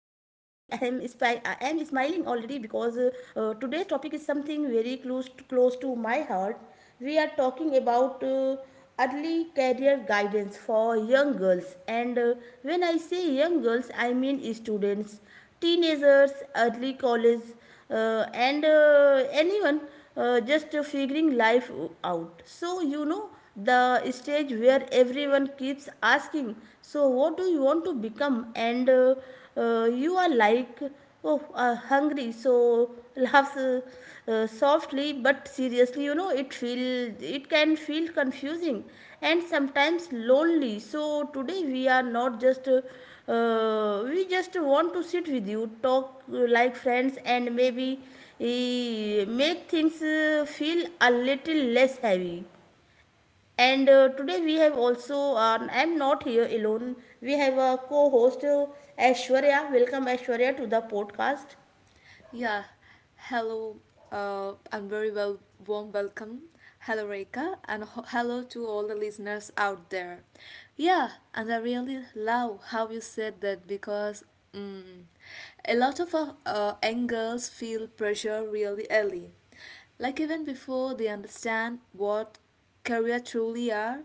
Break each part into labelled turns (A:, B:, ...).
A: I am smiling already because today's topic is something very close to my heart. We are talking about early career guidance for young girls. And when I say young girls, I mean students, teenagers, early college, and anyone just figuring life out. So, the stage where everyone keeps asking, so, what do you want to become? And you are like, oh, hungry. So, laughs softly, but seriously, it can feel confusing and sometimes lonely. So today we are not just, we just want to sit with you, talk, like friends, and maybe make things feel a little less heavy. And today we have also, I am not here alone, we have a co-host, Aishwarya. Welcome, Aishwarya, to the podcast.
B: Yeah, hello. I'm very well, warm welcome. Hello, Reka, and hello to all the listeners out there. Yeah, and I really love how you said that because mm, a lot of young girls feel pressure really early, like even before they understand what career truly are.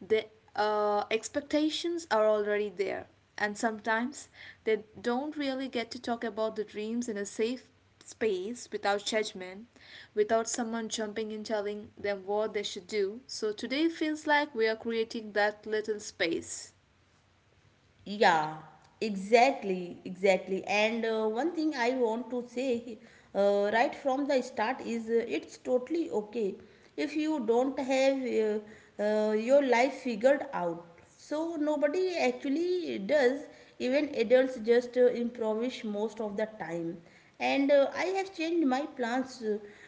B: The expectations are already there, and sometimes they don't really get to talk about the dreams in a safe space without judgment, without someone jumping in telling them what they should do. So today feels like we are creating that little space.
A: Yeah, exactly, exactly. And one thing I want to say, right from the start, is it's totally okay if you don't have your life figured out. So nobody actually does. Even adults just improvise most of the time, and I have changed my plans,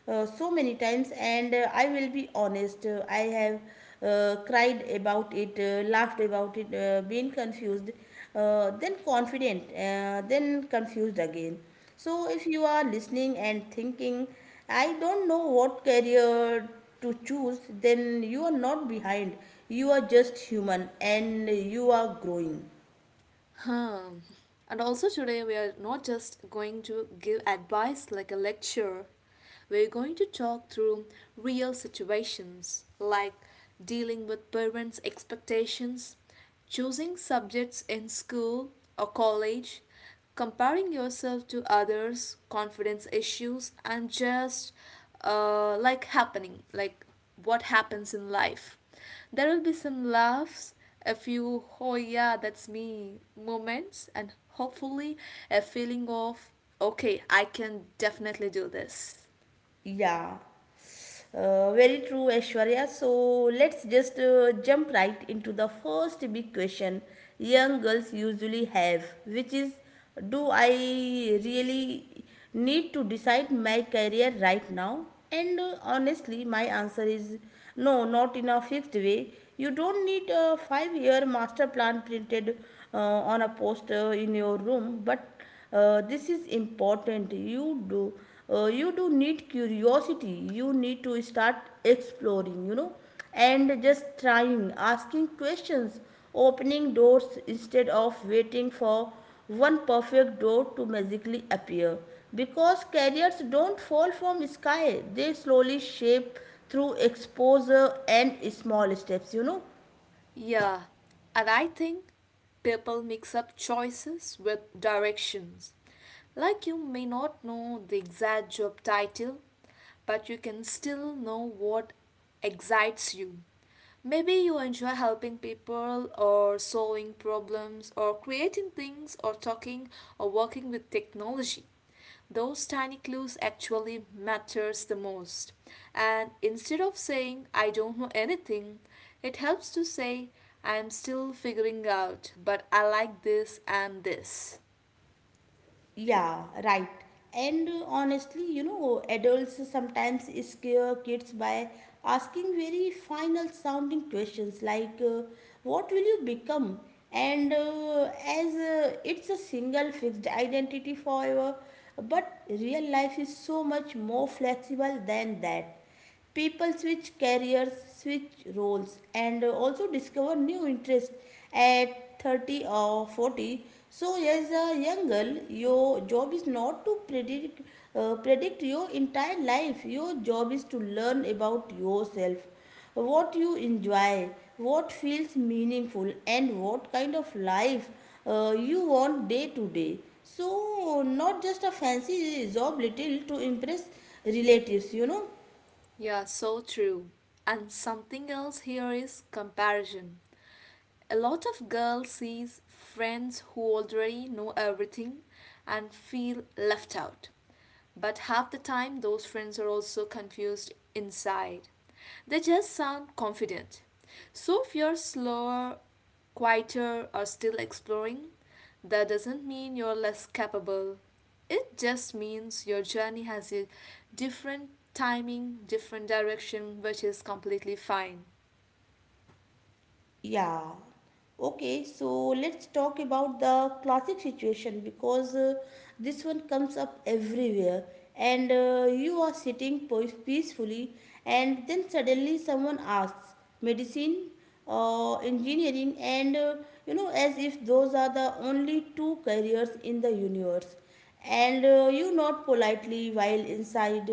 A: so many times, and I will be honest, I have cried about it, laughed about it, been confused, then confident, then confused again. So if you are listening and thinking, I don't know what career to choose, then you are not behind. You are just human, and you are growing.
B: Huh. And also today we are not just going to give advice like a lecture. We're going to talk through real situations like dealing with parents' expectations, choosing subjects in school or college, comparing yourself to others confidence issues, and just like happening like what happens in life. There will be some laughs, a few oh yeah that's me moments, and hopefully a feeling of okay I can definitely do this.
A: Yeah, very true, Aishwarya. So let's just jump right into the first big question young girls usually have, which is, do I really need to decide my career right now? And honestly, my answer is no, not in a fixed way. You don't need a 5-year master plan printed uh, on a poster in your room, but this is important. You do need curiosity, you need to start exploring. You know and just trying, asking questions, opening doors, instead of waiting for one perfect door to magically appear, because careers don't fall from sky, they slowly shape through exposure and small steps. You know
B: Yeah, and I think people mix up choices with directions. Like you may not know the exact job title, but you can still know what excites you. Maybe you enjoy helping people, or solving problems, or creating things, or talking, or working with technology. Those tiny clues actually matters the most. And instead of saying I don't know anything, it helps to say I am still figuring out, but I like this and this.
A: Yeah, right. And honestly, adults sometimes scare kids by asking very final sounding questions like, what will you become? And as it's a single fixed identity forever, but real life is so much more flexible than that. People switch careers, switch roles, and also discover new interests at 30 or 40. So, as a young girl, your job is not to predict your entire life. Your job is to learn about yourself, what you enjoy, what feels meaningful, and what kind of life you want day to day. So, not just a fancy job little to impress relatives. You know
B: Yeah, so true. And something else here is comparison. A lot of girls sees friends who already know everything and feel left out. But half the time those friends are also confused inside. They just sound confident. So if you're slower, quieter, or still exploring, that doesn't mean you're less capable. It just means your journey has a different timing, different direction, which is completely fine.
A: Yeah. Okay, so let's talk about the classic situation, because this one comes up everywhere, and you are sitting peacefully, and then suddenly someone asks, medicine, engineering, and you know, as if those are the only two careers in the universe. And you nod politely while inside,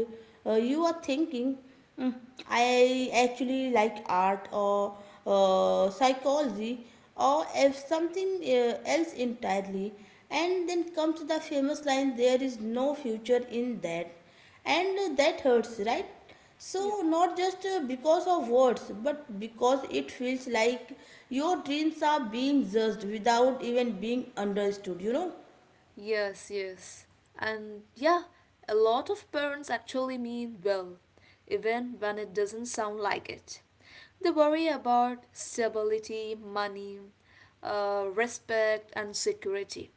A: you are thinking, mm, I actually like art, or psychology, or if something else entirely. And then comes the famous line, there is no future in that. And that hurts, right? So, not just because of words, but because it feels like your dreams are being judged without even being understood, you know?
B: Yes, yes. And yeah, a lot of parents actually mean well, even when it doesn't sound like it. They worry about stability, money, respect, and security.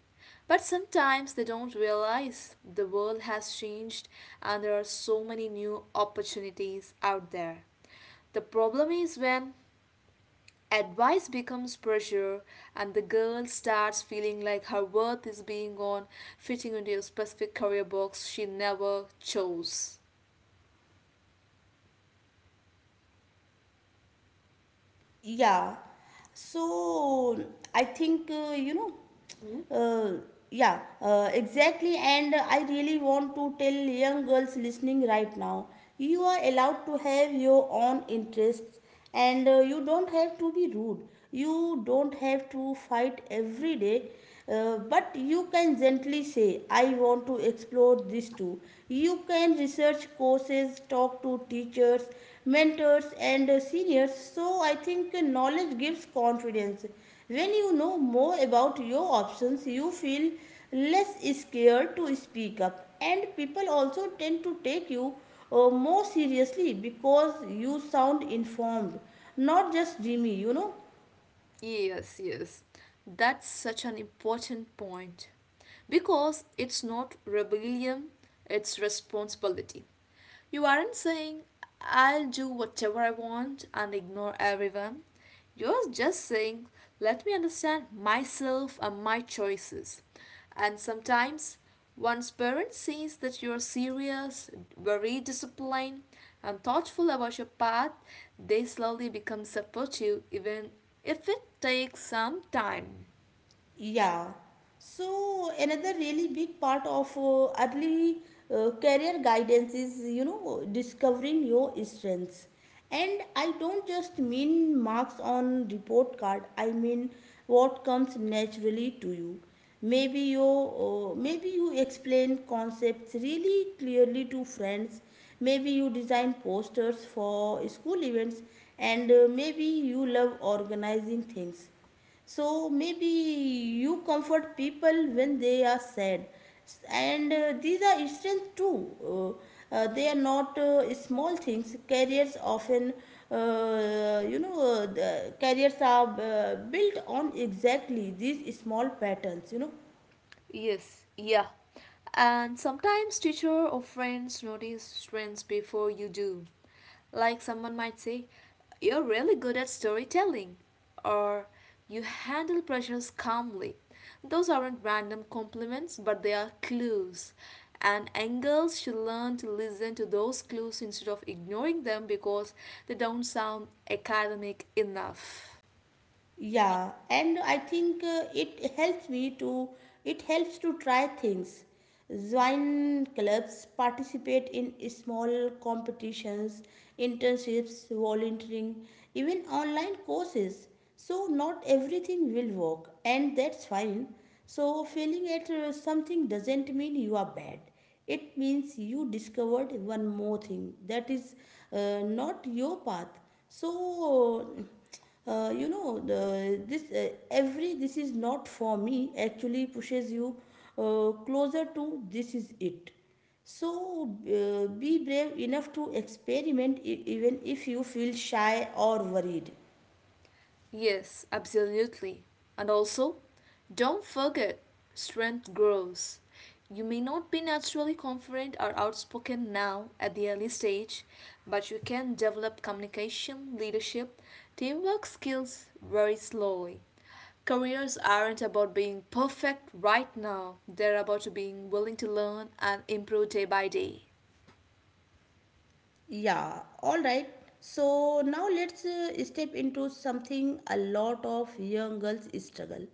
B: But sometimes they don't realize the world has changed and there are so many new opportunities out there. The problem is when advice becomes pressure, and the girl starts feeling like her worth is being on fitting into a specific career box she never chose.
A: Yeah. So I think, uh, yeah, exactly. And I really want to tell young girls listening right now, you are allowed to have your own interests, and you don't have to be rude. You don't have to fight every day. But you can gently say, I want to explore this too. You can research courses, talk to teachers, mentors, and seniors. So, I think knowledge gives confidence. When you know more about your options, you feel less scared to speak up, and people also tend to take you more seriously because you sound informed, not just dreamy, you know.
B: Yes, yes, that's such an important point because it's not rebellion, it's responsibility. You aren't saying, I'll do whatever I want and ignore everyone. You're just saying, let me understand myself and my choices. And sometimes once parent sees that you are serious, very disciplined, and thoughtful about your path, they slowly become supportive even if it takes some time.
A: Yeah. So another really big part of early career guidance is, discovering your strengths. And I don't just mean marks on report card. I mean what comes naturally to you. Maybe you explain concepts really clearly to friends. Maybe you design posters for school events, and maybe you love organizing things. So maybe you comfort people when they are sad. And these are strength too. They are not small things. Careers often, the careers are built on exactly these small patterns, you know.
B: Yes, yeah. And sometimes teacher or friends notice strengths before you do. Like someone might say, you're really good at storytelling or you handle pressures calmly. Those aren't random compliments, but they are clues. And angles should learn to listen to those clues instead of ignoring them because they don't sound academic enough.
A: Yeah, and I think it helps to try things, join clubs, participate in small competitions, internships, volunteering, even online courses. So not everything will work, and that's fine. So failing at something doesn't mean you are bad, it means you discovered one more thing that is not your path. So, this, every this is not for me actually pushes you closer to this is it. So be brave enough to experiment, even if you feel shy or worried.
B: Yes, absolutely. And also, don't forget strength grows. You may not be naturally confident or outspoken now at the early stage, but you can develop communication, leadership, teamwork skills very slowly. Careers aren't about being perfect right now, they're about being willing to learn and improve day by day.
A: Yeah, all right. So now let's step into something a lot of young girls struggle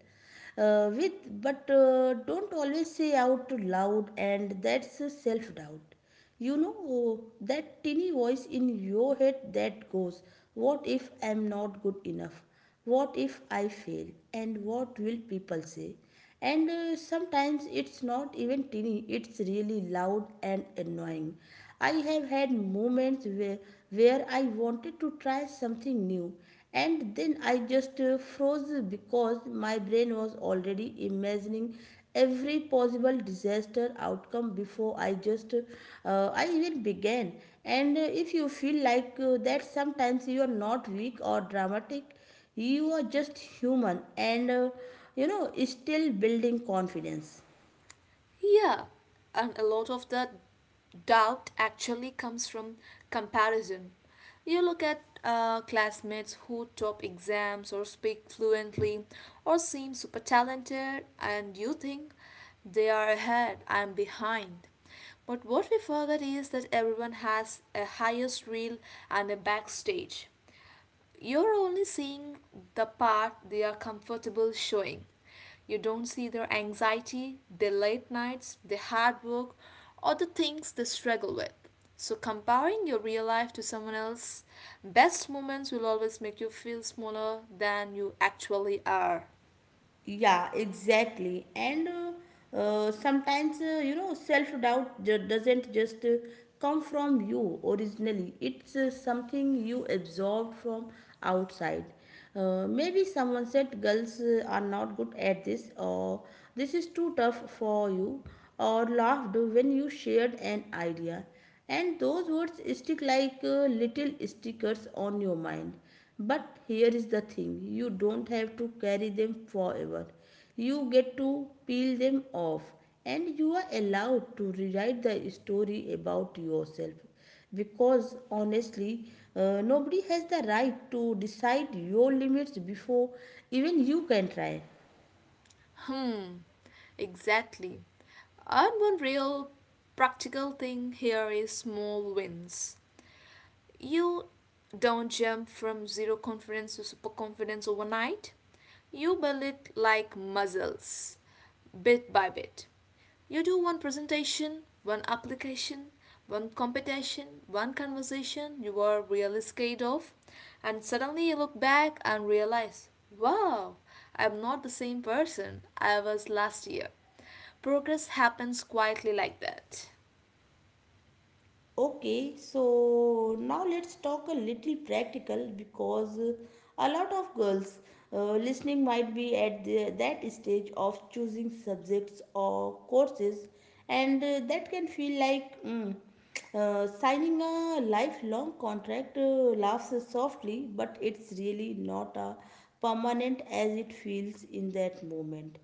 A: with, but don't always say out loud, and that's self doubt. You know, that teeny voice in your head that goes, what if I'm not good enough? What if I fail? And what will people say? And sometimes it's not even teeny, it's really loud and annoying. I have had moments where I wanted to try something new, and then I just froze, because my brain was already imagining every possible disaster outcome before I even began. And if you feel like that sometimes, you are not weak or dramatic, you are just human and still building confidence.
B: Yeah, and a lot of the doubt actually comes from comparison. You look at classmates who top exams or speak fluently or seem super talented, and you think they are ahead, I'm behind. But what we forget is that everyone has a highest reel and a backstage. You're only seeing the part they are comfortable showing. You don't see their anxiety, their late nights, their hard work, or the things they struggle with. So, comparing your real life to someone else's best moments will always make you feel smaller than you actually are.
A: Yeah, exactly. And sometimes, self doubt doesn't just come from you originally, it's something you absorbed from outside. Maybe someone said, girls are not good at this, or this is too tough for you, or laughed when you shared an idea, and those words stick like little stickers on your mind. But here is the thing, you don't have to carry them forever. You get to peel them off, and you are allowed to rewrite the story about yourself, because honestly, nobody has the right to decide your limits before even you can try.
B: Hmm, exactly. And one real practical thing here is small wins. You don't jump from zero confidence to super confidence overnight. You build it like muscles, bit by bit. You do one presentation, one application, one competition, one conversation you were really scared of, and suddenly you look back and realize, wow, I'm not the same person I was last year. Progress happens quietly like that.
A: Okay, so now let's talk a little practical, because a lot of girls listening might be at that stage of choosing subjects or courses, and that can feel like, signing a lifelong contract. Laughs softly, but it's really not a permanent as it feels in that moment.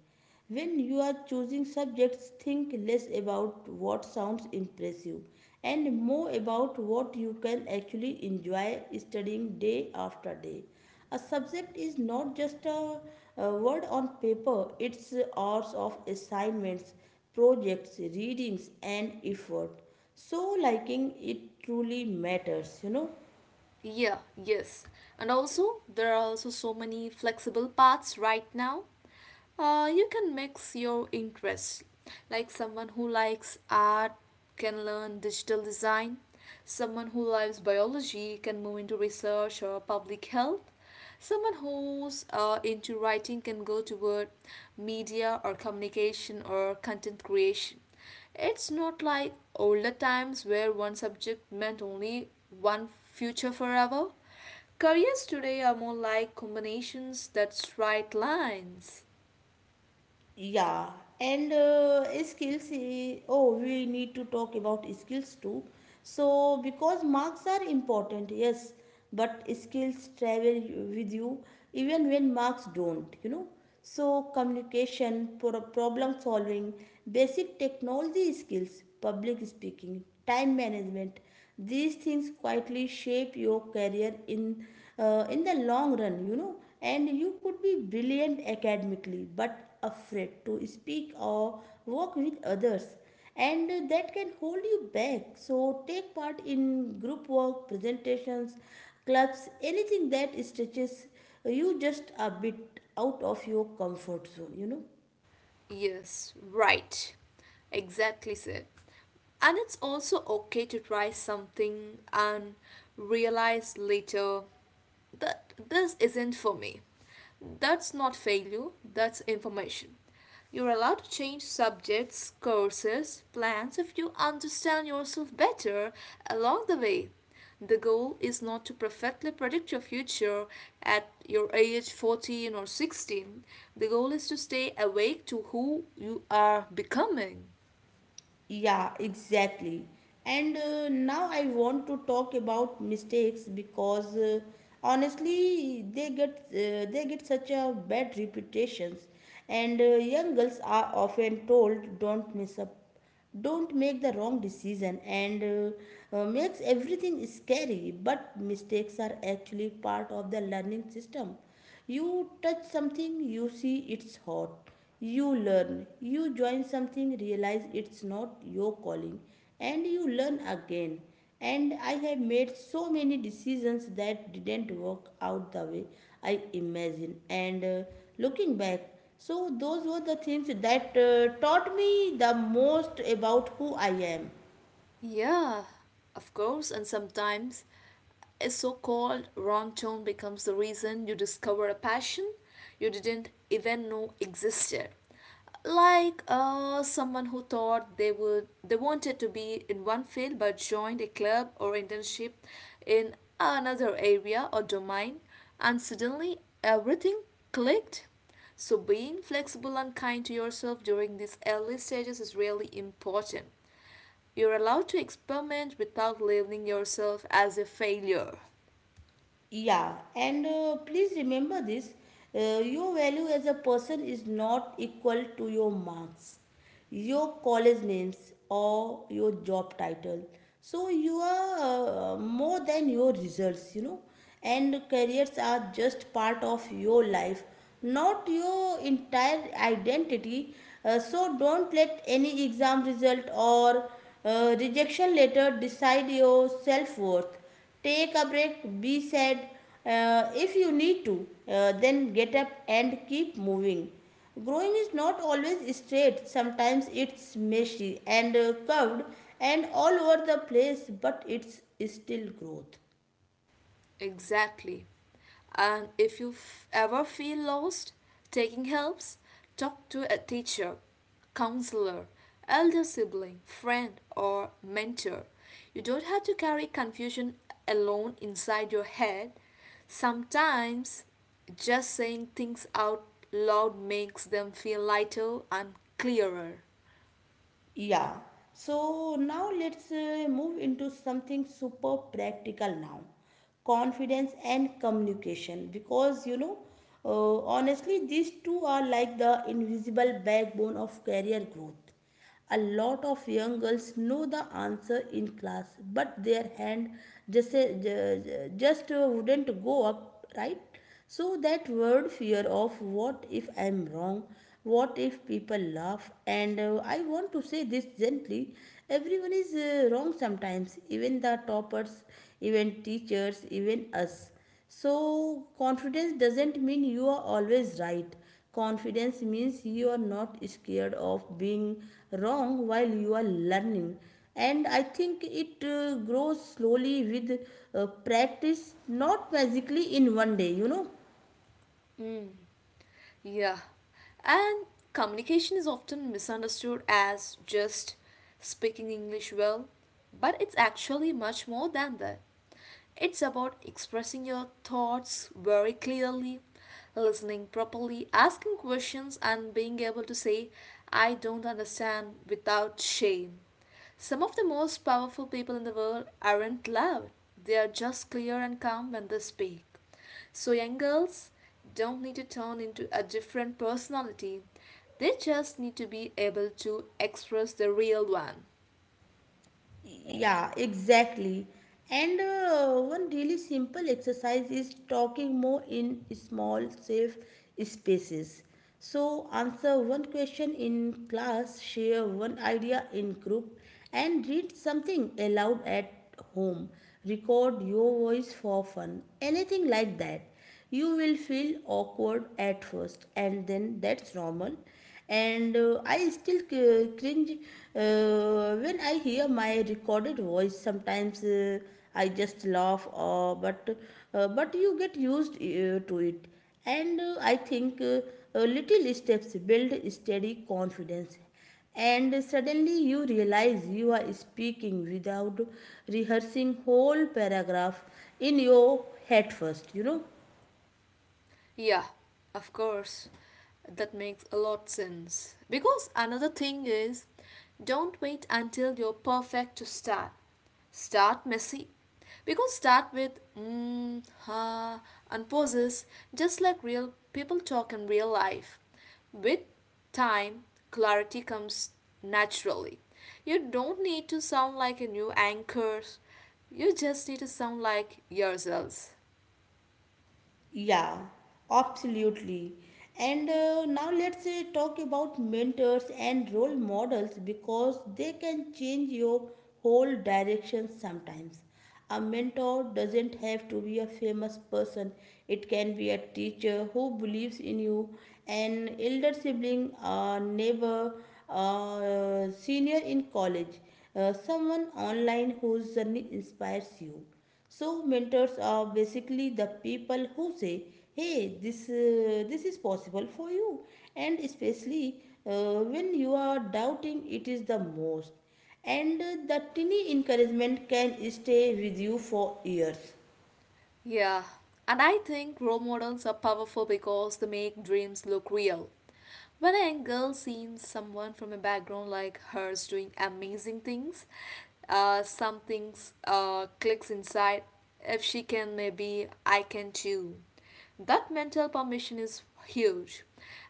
A: When you are choosing subjects, think less about what sounds impressive and more about what you can actually enjoy studying day after day. A subject is not just a word on paper, it's hours of assignments, projects, readings, and effort. So, liking it truly matters, you know.
B: Yeah, yes. And also, there are also so many flexible paths right now. You can mix your interests. Like someone who likes art can learn digital design, someone who likes biology can move into research or public health, someone who's into writing can go toward media or communication or content creation. It's not like older times where one subject meant only one future forever. Careers today are more like combinations that straight lines.
A: Yeah, and skills. Oh, we need to talk about skills too. So, because marks are important, yes, but skills travel with you even when marks don't, you know. So, communication, problem solving, basic technology skills, public speaking, time management, these things quietly shape your career in the long run, you know. And you could be brilliant academically, but afraid to speak or work with others, and that can hold you back. So take part in group work, presentations, clubs, anything that stretches you just a bit out of your comfort zone, you know.
B: Yes, right. Exactly said. And it's also okay to try something and realize later that this isn't for me. That's not failure, that's information. You're allowed to change subjects, courses, plans if you understand yourself better along the way. The goal is not to perfectly predict your future at your age 14 or 16. The goal is to stay awake to who you are becoming.
A: Yeah, exactly. And now I want to talk about mistakes, because honestly, they get such a bad reputations, and young girls are often told, don't mess up, don't make the wrong decision, and makes everything scary. But mistakes are actually part of the learning system. You touch something, you see it's hot. You learn, you join something, realize it's not your calling, and you learn again. And I have made so many decisions that didn't work out the way I imagined. And looking back, so those were the things that taught me the most about who I am.
B: Yeah, of course, and sometimes a so called wrong turn becomes the reason you discover a passion you didn't even know existed. Like someone who thought they would they wanted to be in one field but joined a club or internship in another area or domain, and suddenly everything clicked. So being flexible and kind to yourself during these early stages is really important. You're allowed to experiment without labeling yourself as a failure.
A: Yeah, and please remember this, your value as a person is not equal to your marks, your college names, or your job title. So, you are more than your results, you know, and careers are just part of your life, not your entire identity. Don't let any exam result or rejection letter decide your self worth. Take a break, be sad if you need to, then get up and keep moving. Growing is not always straight, sometimes it's messy and curved and all over the place, but it's still growth.
B: Exactly. And if you ever feel lost, taking helps, talk to a teacher, counselor, elder sibling, friend, or mentor. You don't have to carry confusion alone inside your head. Sometimes just saying things out loud makes them feel lighter and clearer.
A: Yeah. So now let's move into something super practical now, confidence and communication. Honestly, these two are like the invisible backbone of career growth. A lot of young girls know the answer in class, but their hand just wouldn't go up, right? So that word, fear of what if I'm wrong, what if people laugh, and I want to say this gently, everyone is wrong sometimes, even the toppers, even teachers, even us. So confidence doesn't mean you are always right. Confidence means you are not scared of being wrong while you are learning. And I think it grows slowly with practice, not magically in one day, you know.
B: Yeah. And communication is often misunderstood as just speaking English well, but it's actually much more than that. It's about expressing your thoughts very clearly, listening properly, asking questions, and being able to say, I don't understand without shame. Some of the most powerful people in the world aren't loud, they are just clear and calm when they speak. So, young girls don't need to turn into a different personality, they just need to be able to express the real one.
A: Yeah, exactly. And one really simple exercise is talking more in small, safe spaces. So, answer one question in class, share one idea in group, and read something aloud at home. Record your voice for fun. Anything like that, you will feel awkward at first and then that's normal, and I still c- cringe when I hear my recorded voice sometimes. I just laugh, but you get used to it, and I think little steps build steady confidence, and suddenly you realize you are speaking without rehearsing whole paragraph in your head first, you know.
B: Yeah, of course. That makes a lot sense. Because another thing is don't wait until you're perfect to start. Start messy. Because start with and pauses just like real people talk in real life. With time, clarity comes naturally. You don't need to sound like a new anchor. You just need to sound like yourselves.
A: Yeah, absolutely. And now let's talk about mentors and role models because they can change your whole direction sometimes. A mentor doesn't have to be a famous person, it can be a teacher who believes in you, an elder sibling, a neighbor, a senior in college, someone online whose journey inspires you. So mentors are basically the people who say, "Hey, this is possible for you," and especially when you are doubting, it is the most. And the tiny encouragement can stay with you for years.
B: Yeah, and I think role models are powerful because they make dreams look real. When a girl sees someone from a background like hers doing amazing things, some things clicks inside. If she can, maybe I can too. That mental permission is huge.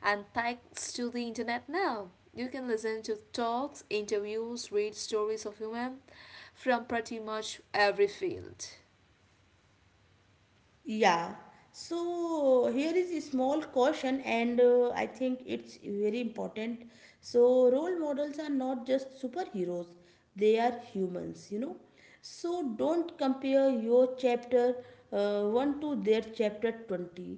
B: And thanks to the internet now, you can listen to talks, interviews, read stories of women from pretty much every field.
A: Yeah. So here is a small caution, and I think it's very important. So role models are not just superheroes; they are humans, you know. So don't compare your chapter one to their chapter 20,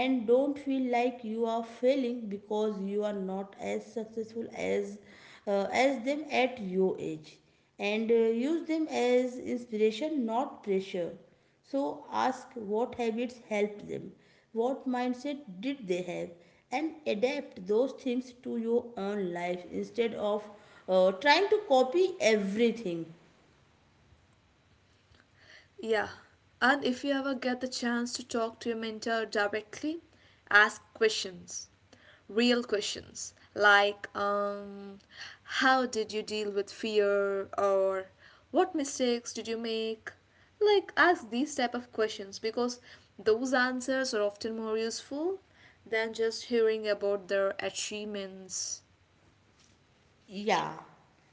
A: and don't feel like you are failing because you are not as successful as as them at your age, and use them as inspiration, not pressure. So ask what habits helped them, what mindset did they have, and adapt those things to your own life instead of trying to copy everything.
B: Yeah, and if you ever get the chance to talk to your mentor directly, ask questions, real questions, like how did you deal with fear or what mistakes did you make? Like ask these type of questions because those answers are often more useful than just hearing about their achievements.
A: Yeah.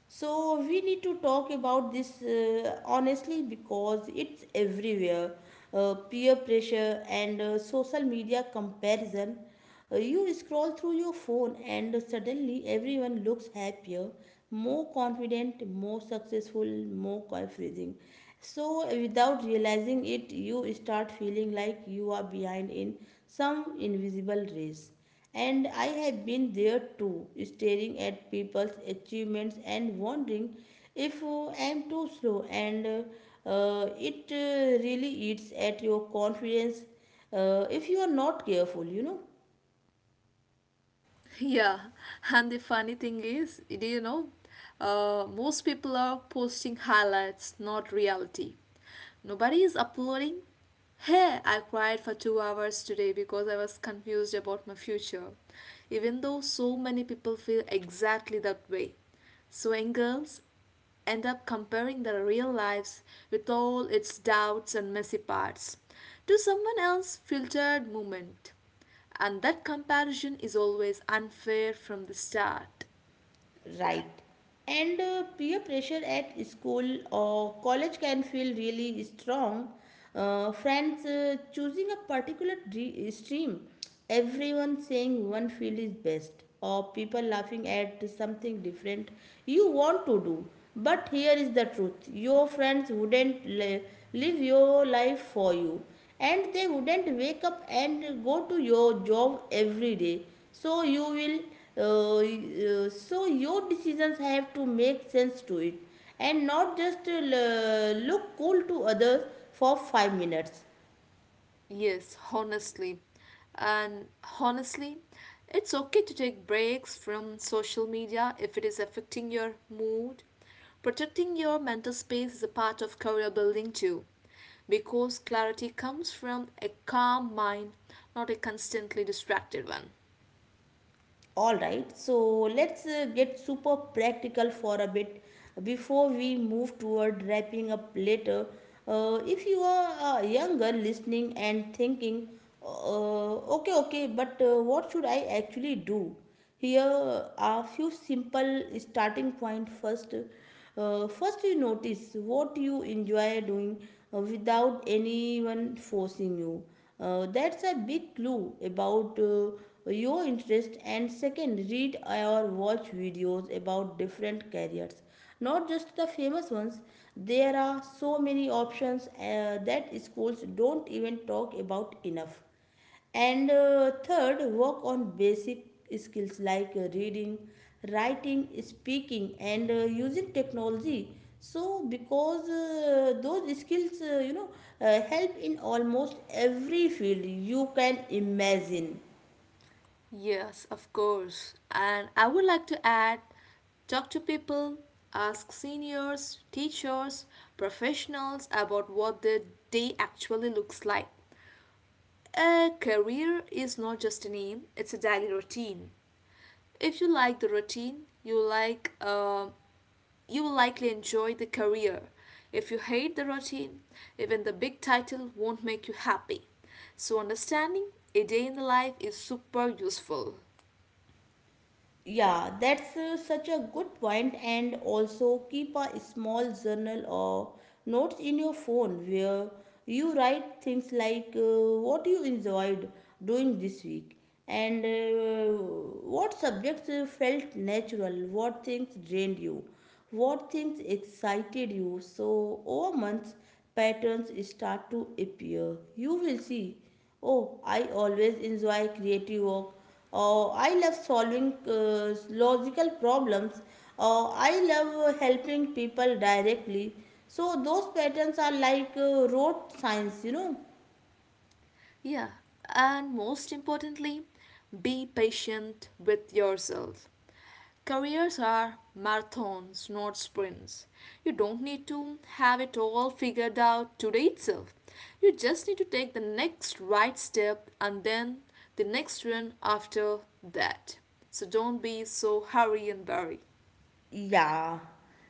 A: So we need to talk about this honestly because it's everywhere. Peer pressure and social media comparison. You scroll through your phone and suddenly everyone looks happier, more confident, more successful, more everything. So without realizing it, you start feeling like you are behind in some invisible race, and I have been there too, staring at people's achievements and wondering if I am too slow. And it really eats at your confidence if you are not careful, you know.
B: Yeah, and the funny thing is, do you know, most people are posting highlights, not reality. Nobody is uploading. Hey, I cried for 2 hours today because I was confused about my future, even though so many people feel exactly that way. So, young girls end up comparing their real lives with all its doubts and messy parts to someone else's filtered moment. And that comparison is always unfair from the start.
A: Right. And peer pressure at school or college can feel really strong. Friends choosing a particular stream, everyone saying one field is best, or people laughing at something different you want to do. But here is the truth, your friends wouldn't live your life for you, and they wouldn't wake up and go to your job every day, so you will so your decisions have to make sense to it and not just look cool to others for 5 minutes.
B: Yes, honestly. And honestly, it's okay to take breaks from social media if it is affecting your mood. Protecting your mental space is a part of career building too, because clarity comes from a calm mind, not a constantly distracted one.
A: All right, so let's get super practical for a bit before we move toward wrapping up later. If you are younger listening and thinking, uh, okay okay, but what should I actually do, here are a few simple starting point first. First, you notice what you enjoy doing without anyone forcing you. That's a big clue about your interest. And second, read or watch videos about different careers, not just the famous ones. There are so many options that schools don't even talk about enough. And third, work on basic skills like reading, writing, speaking, and using technology. So, because those skills, help in almost every field you can imagine.
B: Yes, of course. And I would like to add talk to people, ask seniors, teachers, professionals about what the day actually looks like. A career is not just a name, it's a daily routine. If you like the routine, you will likely enjoy the career. If you hate the routine, even the big title won't make you happy. So understanding a day in the life is super useful.
A: Yeah, that's such a good point. And also keep a small journal or notes in your phone where you write things like what you enjoyed doing this week, and what subjects felt natural, what things drained you, what things excited you. So, over months, patterns start to appear. You will see. Oh, I always enjoy creative work. Oh, I love solving logical problems. Oh, I love helping people directly. So those patterns are like rote science, you know.
B: Yeah, and most importantly, be patient with yourself. Careers are marathons, not sprints. You don't need to have it all figured out today itself. You just need to take the next right step and then the next one after that. So don't be so hurry and worry.
A: Yeah.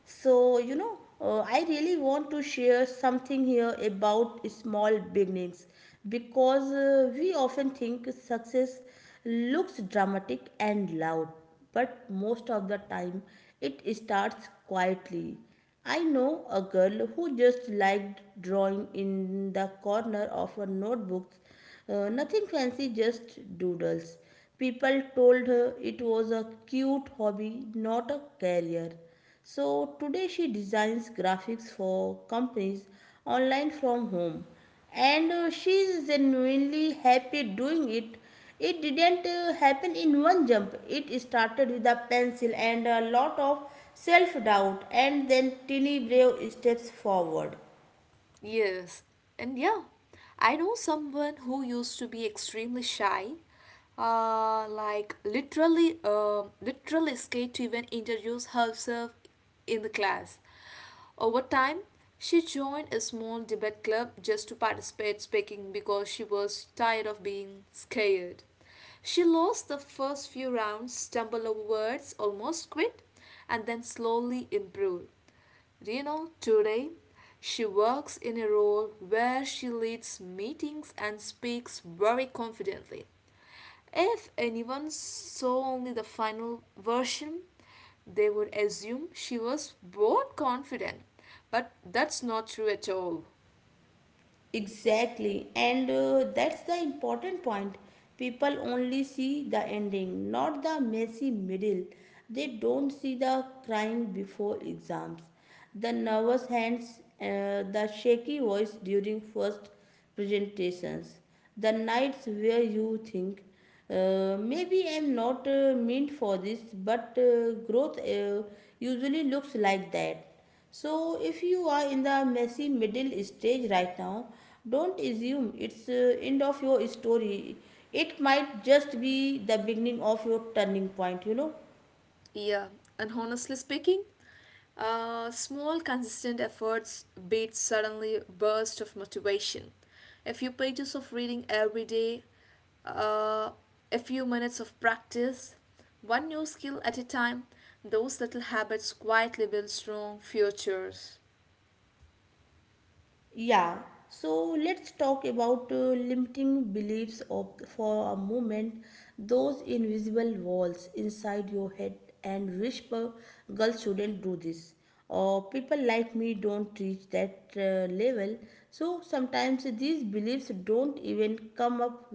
A: So, you know, I really want to share something here about small beginnings because we often think success looks dramatic and loud, but most of the time it starts quietly. I know a girl who just liked drawing in the corner of her notebook, nothing fancy, just doodles. People told her it was a cute hobby, not a career. So today she designs graphics for companies online from home, and she is genuinely happy doing it. It didn't happen in one jump. It started with a pencil and a lot of self doubt and then teeny brave steps forward.
B: Yes, and yeah, I know someone who used to be extremely shy, like literally scared to even introduce herself in the class. Over time, she joined a small debate club just to participate speaking because she was tired of being scared. She lost the first few rounds, stumbled over words, almost quit, and then slowly improved. You know, today she works in a role where she leads meetings and speaks very confidently. If anyone saw only the final version, they would assume she was born confident. But that's not true at all.
A: Exactly, and that's the important point. People only see the ending, not the messy middle. They don't see the crying before exams, the nervous hands, the shaky voice during first presentations, the nights where you think, maybe I'm not meant for this, but growth usually looks like that. So, if you are in the messy middle stage right now, don't assume it's end of your story. It might just be the beginning of your turning point, you know.
B: Yeah, and honestly speaking, small, consistent efforts beat suddenly burst of motivation. A few pages of reading every day, uh, a few minutes of practice, one new skill at a time. Those little habits quietly build strong futures.
A: Yeah, so let's talk about limiting beliefs of, for a moment, those invisible walls inside your head and whisper, girls shouldn't do this. Or people like me don't reach that level. So sometimes these beliefs don't even come up,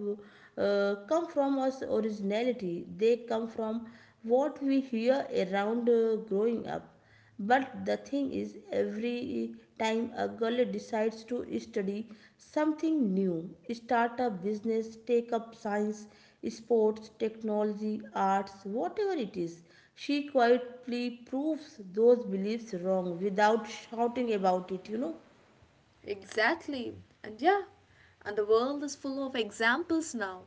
A: come from us originality. They come from what we hear around growing up, but the thing is, every time a girl decides to study something new, start a business, take up science, sports, technology, arts, whatever it is, she quietly proves those beliefs wrong without shouting about it, you know.
B: Exactly, and yeah, and the world is full of examples now.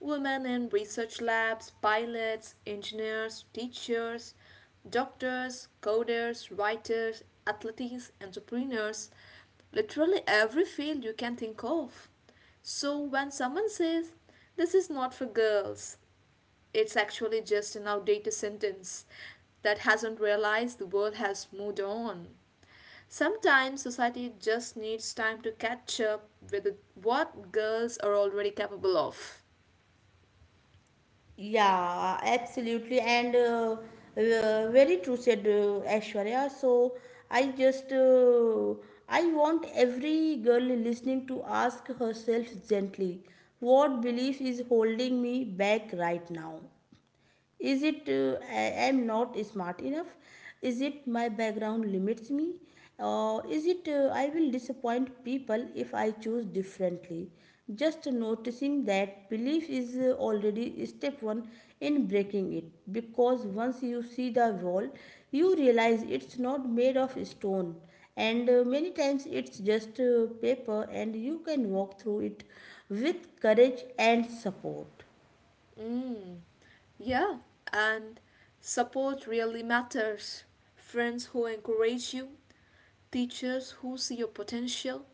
B: Women in research labs, pilots, engineers, teachers, doctors, coders, writers, athletes, entrepreneurs, literally every field you can think of. So when someone says, this is not for girls, it's actually just an outdated sentence that hasn't realized the world has moved on. Sometimes society just needs time to catch up with what girls are already capable of.
A: Yeah, absolutely, and very true said, Aishwarya. So I just uh, I want every girl listening to ask herself gently, what belief is holding me back right now? Is it I am not smart enough? Is it my background limits me? Or is it I will disappoint people if I choose differently? Just noticing that belief is already step one in breaking it, because once you see the wall, you realize it's not made of stone, and many times it's just paper, and you can walk through it with courage and support.
B: Hmm. Yeah, and support really matters. Friends who encourage you, teachers who see your potential,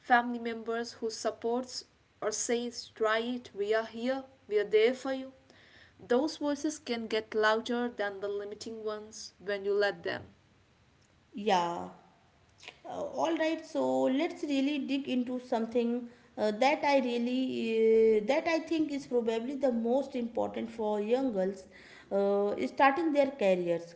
B: family members who supports or says try it, we are here, we are there for you. Those voices can get louder than the limiting ones when you let them.
A: Yeah. All right, so let's really dig into something uh, that I really that I think is probably the most important for young girls starting their careers.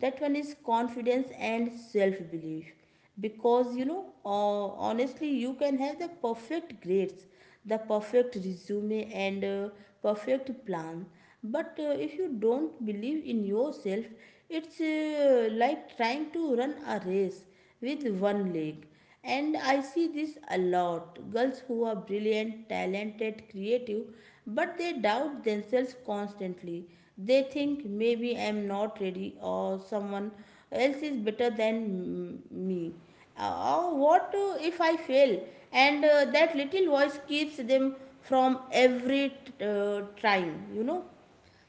A: That one is confidence and self belief, because you know, honestly, you can have the perfect grades, the perfect resume, and perfect plan, but if you don't believe in yourself, it's like trying to run a race with one leg. And I see this a lot, girls who are brilliant, talented, creative, but they doubt themselves constantly. They think maybe I'm not ready, or someone else is better than me. Oh, what if I fail? And that little voice keeps them from every trying, you know.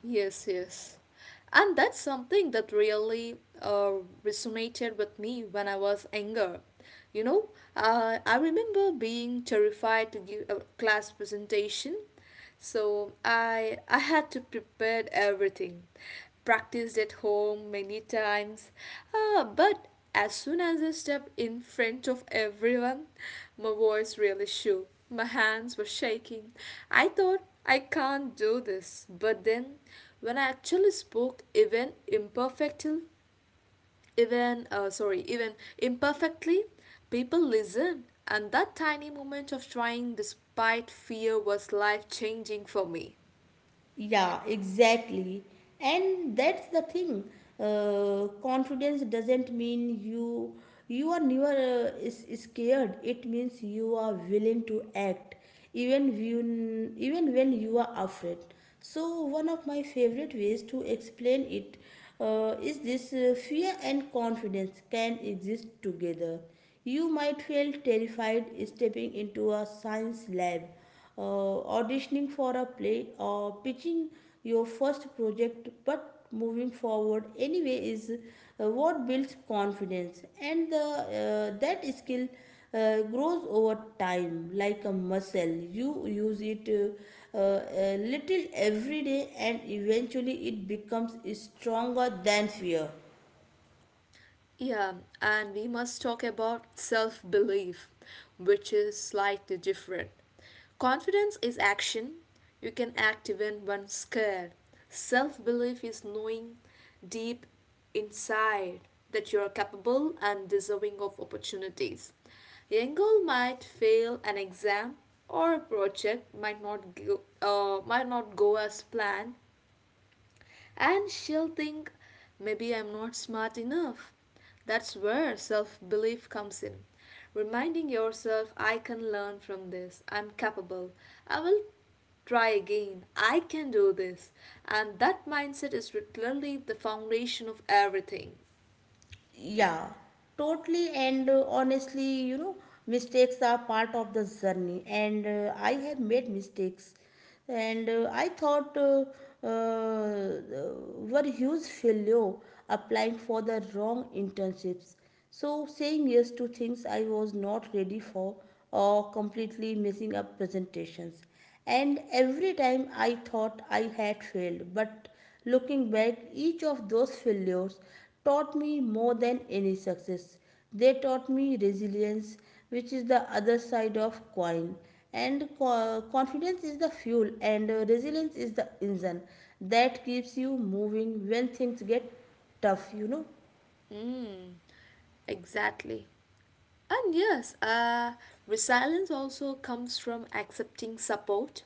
B: Yes, yes. And that's something that really resonated with me when I was younger. You know, I remember being terrified to give a class presentation. So I had to prepare everything. Practiced at home many times. But as soon as I stepped in front of everyone, my voice really shook. My hands were shaking. I thought I can't do this, but then when I actually spoke even imperfectly, even imperfectly, people listened, and that tiny moment of trying despite fear was life changing for me.
A: Yeah, exactly. And that's the thing. Confidence doesn't mean you are never is scared. It means you are willing to act even when you are afraid. So one of my favorite ways to explain it is this, fear and confidence can exist together. You might feel terrified stepping into a science lab, auditioning for a play, or pitching your first project, but moving forward anyway is what builds confidence, and the that skill grows over time like a muscle. You use it a little every day, and eventually it becomes stronger than fear.
B: Yeah, and we must talk about self belief, which is slightly different. Confidence is action. You can act even when scared. Self belief is knowing deep inside that you are capable and deserving of opportunities. Young girl might fail an exam or a project might not go, might not go as planned, and she'll think, maybe I'm not smart enough. That's where self belief comes in. Reminding yourself, I can learn from this, I'm capable, I will try again, I can do this. And that mindset is literally the foundation of everything.
A: Yeah, totally. And honestly, you know, mistakes are part of the journey. And I have made mistakes. And I thought uh, uh, were huge failure applying for the wrong internships. So saying yes to things I was not ready for or completely messing up presentations. And every time I thought I had failed, but looking back, each of those failures taught me more than any success. They taught me resilience, which is the other side of coin, and confidence is the fuel, and resilience is the engine that keeps you moving when things get tough, you know.
B: Mm, exactly. And yes, resilience also comes from accepting support.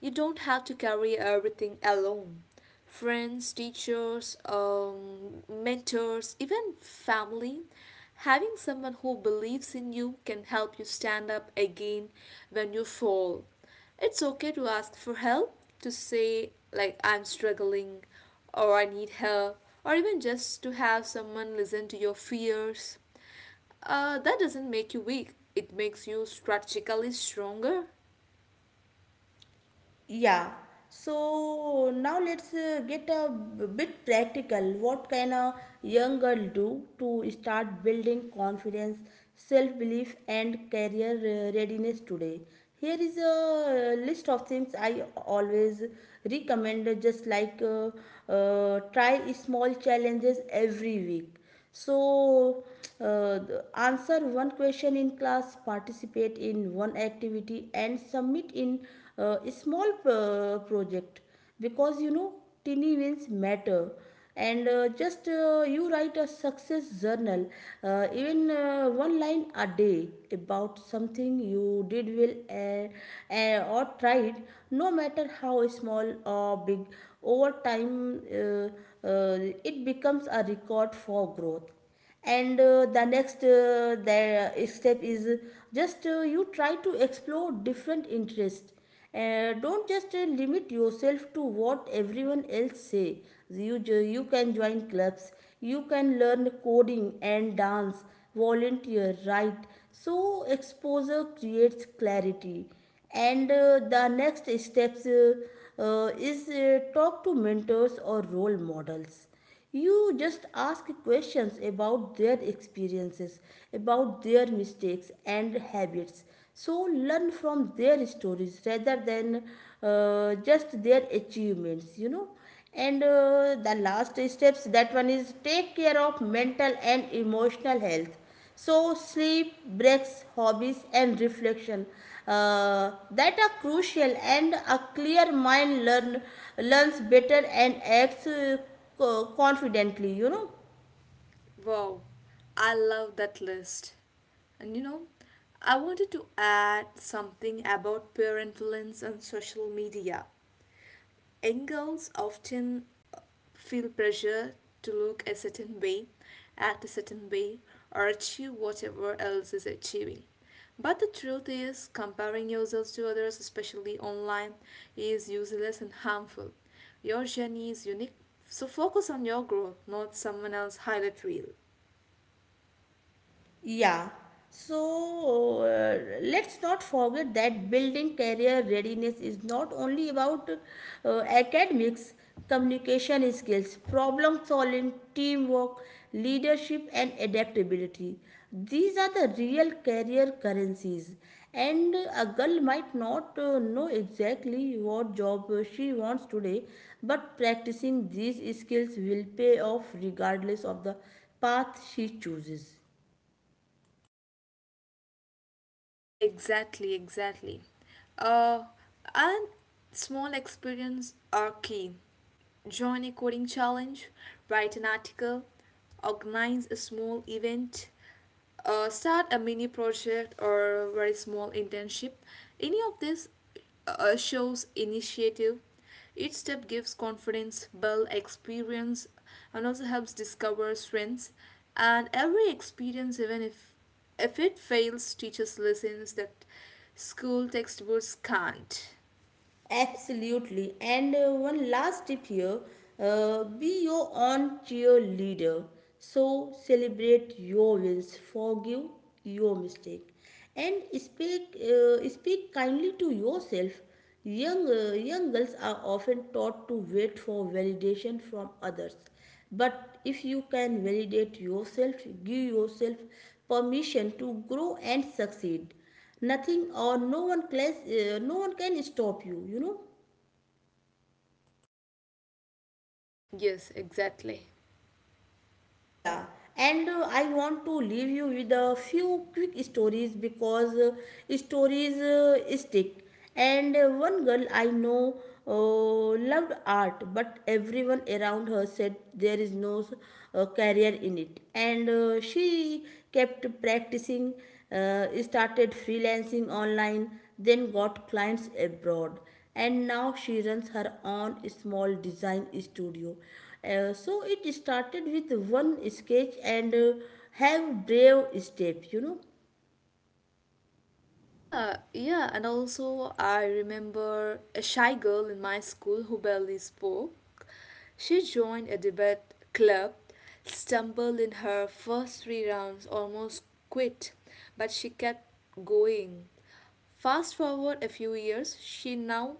B: You don't have to carry everything alone. Friends, teachers, mentors, even family. Having someone who believes in you can help you stand up again when you fall. It's okay to ask for help, to say, like, I'm struggling, or I need help, or even just to have someone listen to your fears. That doesn't make you weak, it makes you strategically stronger.
A: Yeah. So now let's get a bit practical. What can a young girl do to start building confidence, self belief, and career readiness today? Here is a list of things I always recommend, just like try small challenges every week so, uh, answer one question in class, participate in one activity, and submit in a small project because you know tiny wins matter and just you write a success journal, even one line a day about something you did well, or tried, no matter how small or big. Over time, it becomes a record for more growth. And the step is just, you try to explore different interests. Uh, don't just limit yourself to what everyone else say. You you can join clubs, you can learn coding and dance, volunteer, write. So exposure creates clarity. And the next steps, is talk to mentors or role models. You just ask questions about their experiences, about their mistakes and habits. So learn from their stories rather than just their achievements, you know. And the last steps, that one is take care of mental and emotional health. So, sleep, breaks, hobbies, and reflection, that are crucial. And a clear mind learns better and acts confidently, you know.
B: Wow, I love that list. And you know, I wanted to add something about peer influence on social media. Young girls often uh, feel pressure to look a certain way, act a certain way, or achieve whatever else is achieving. But the truth is, comparing yourselves to others, especially online, is useless and harmful. Your journey is unique, so focus on your growth, not someone else's highlight reel.
A: Yeah. So let's not forget that building career readiness is not only about academics, communication skills, problem solving, teamwork, leadership, and adaptability. These are the real career currencies. And a girl might not know exactly what job she wants today, but practicing these skills will pay off regardless of the path she chooses.
B: Exactly, exactly. Uh, and small experience are key. Join a coding challenge, write an article, organize a small event, start a mini project or a very small internship. Any of this shows initiative. Each step gives confidence, build experience, and also helps discover strengths. And every experience, even if it fails, teaches lessons that school textbooks can't.
A: Absolutely. And one last tip here, be your own cheerleader. So celebrate your wins, forgive your mistake, and speak kindly to yourself. Young girls are often taught to wait for validation from others. But if you can validate yourself, give yourself permission to grow and succeed, nothing or no one no one can stop you, you know.
B: Yes, exactly.
A: Yeah. And I want to leave you with a few quick stories because, stories stick. And one girl I know, loved art, but everyone around her said there is no career in it. And she kept practicing, started freelancing online, then got clients abroad, and now she runs her own small design studio. So it started with one sketch and have brave step, you know.
B: Yeah, yeah, and also I remember a shy girl in my school who barely spoke. She joined a debate club, stumbled in her first 3 rounds, almost quit, but she kept going. Fast forward a few years, she now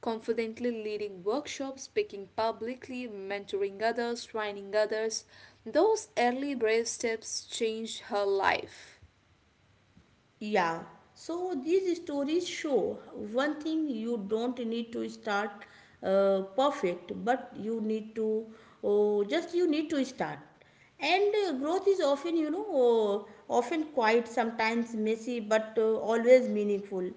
B: confidently leading workshops, speaking publicly, mentoring others, training others. Those early brave steps changed her life.
A: Yeah. So these stories show one thing: you don't need to start perfect, but you need to, oh, just you need to start. And growth is often, often quiet, sometimes messy, but always meaningful.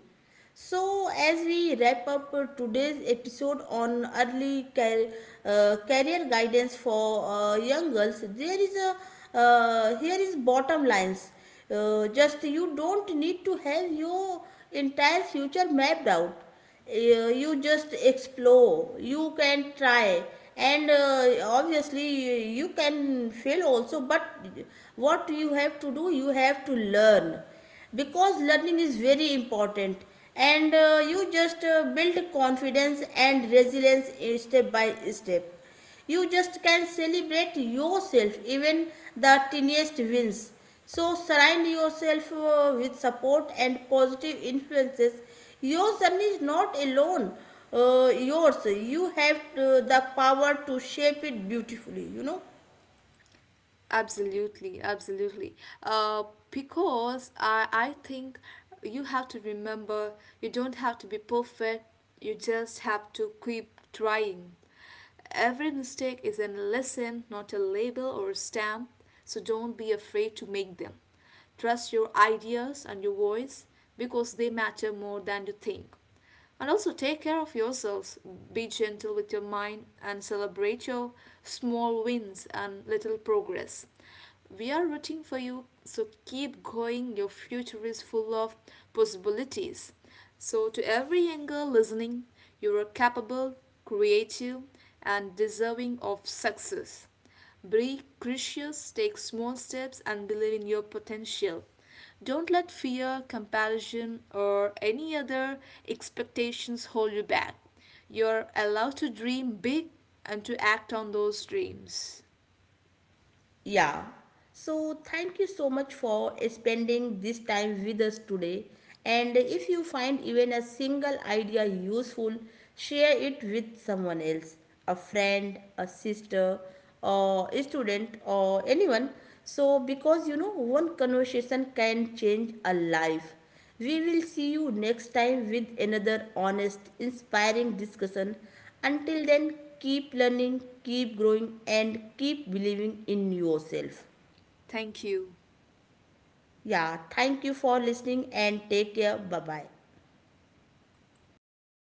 A: So, as we wrap up, today's episode on early career guidance for young girls, there is a here is bottom lines. Just, you don't need to have your entire future mapped out. You just explore, you can try, and obviously you can fail also, but what you have to do, you have to learn, because learning is very important. And you just build confidence and resilience step by step. You just can celebrate yourself, even the tiniest wins. So surround yourself with support and positive influences. Your journey is not alone. Yours. You have the power to shape it beautifully, you know.
B: Absolutely, absolutely. Uh, because I think you have to remember you don't have to be perfect, you just have to keep trying. Every mistake is a lesson, not a label or a stamp, so don't be afraid to make them. Trust your ideas and your voice because they matter more than you think. And also take care of yourselves. Be gentle with your mind and celebrate your small wins and little progress. We are rooting for you, so keep going. Your future is full of possibilities. So, to every young girl listening, you are capable, creative, and deserving of success. Be gracious, take small steps, and believe in your potential. Don't let fear, comparison, or any other expectations hold you back. You're allowed to dream big and to act on those dreams.
A: Yeah. So thank you so much for spending this time with us today. And if you find even a single idea useful, share it with someone else, a friend, a sister, or a student, or anyone. So, because you know, one conversation can change a life. We will see you next time with another honest, inspiring discussion. Until then, keep learning, keep growing, and keep believing in yourself.
B: Thank you.
A: Yeah, thank you for listening and take care. Bye bye.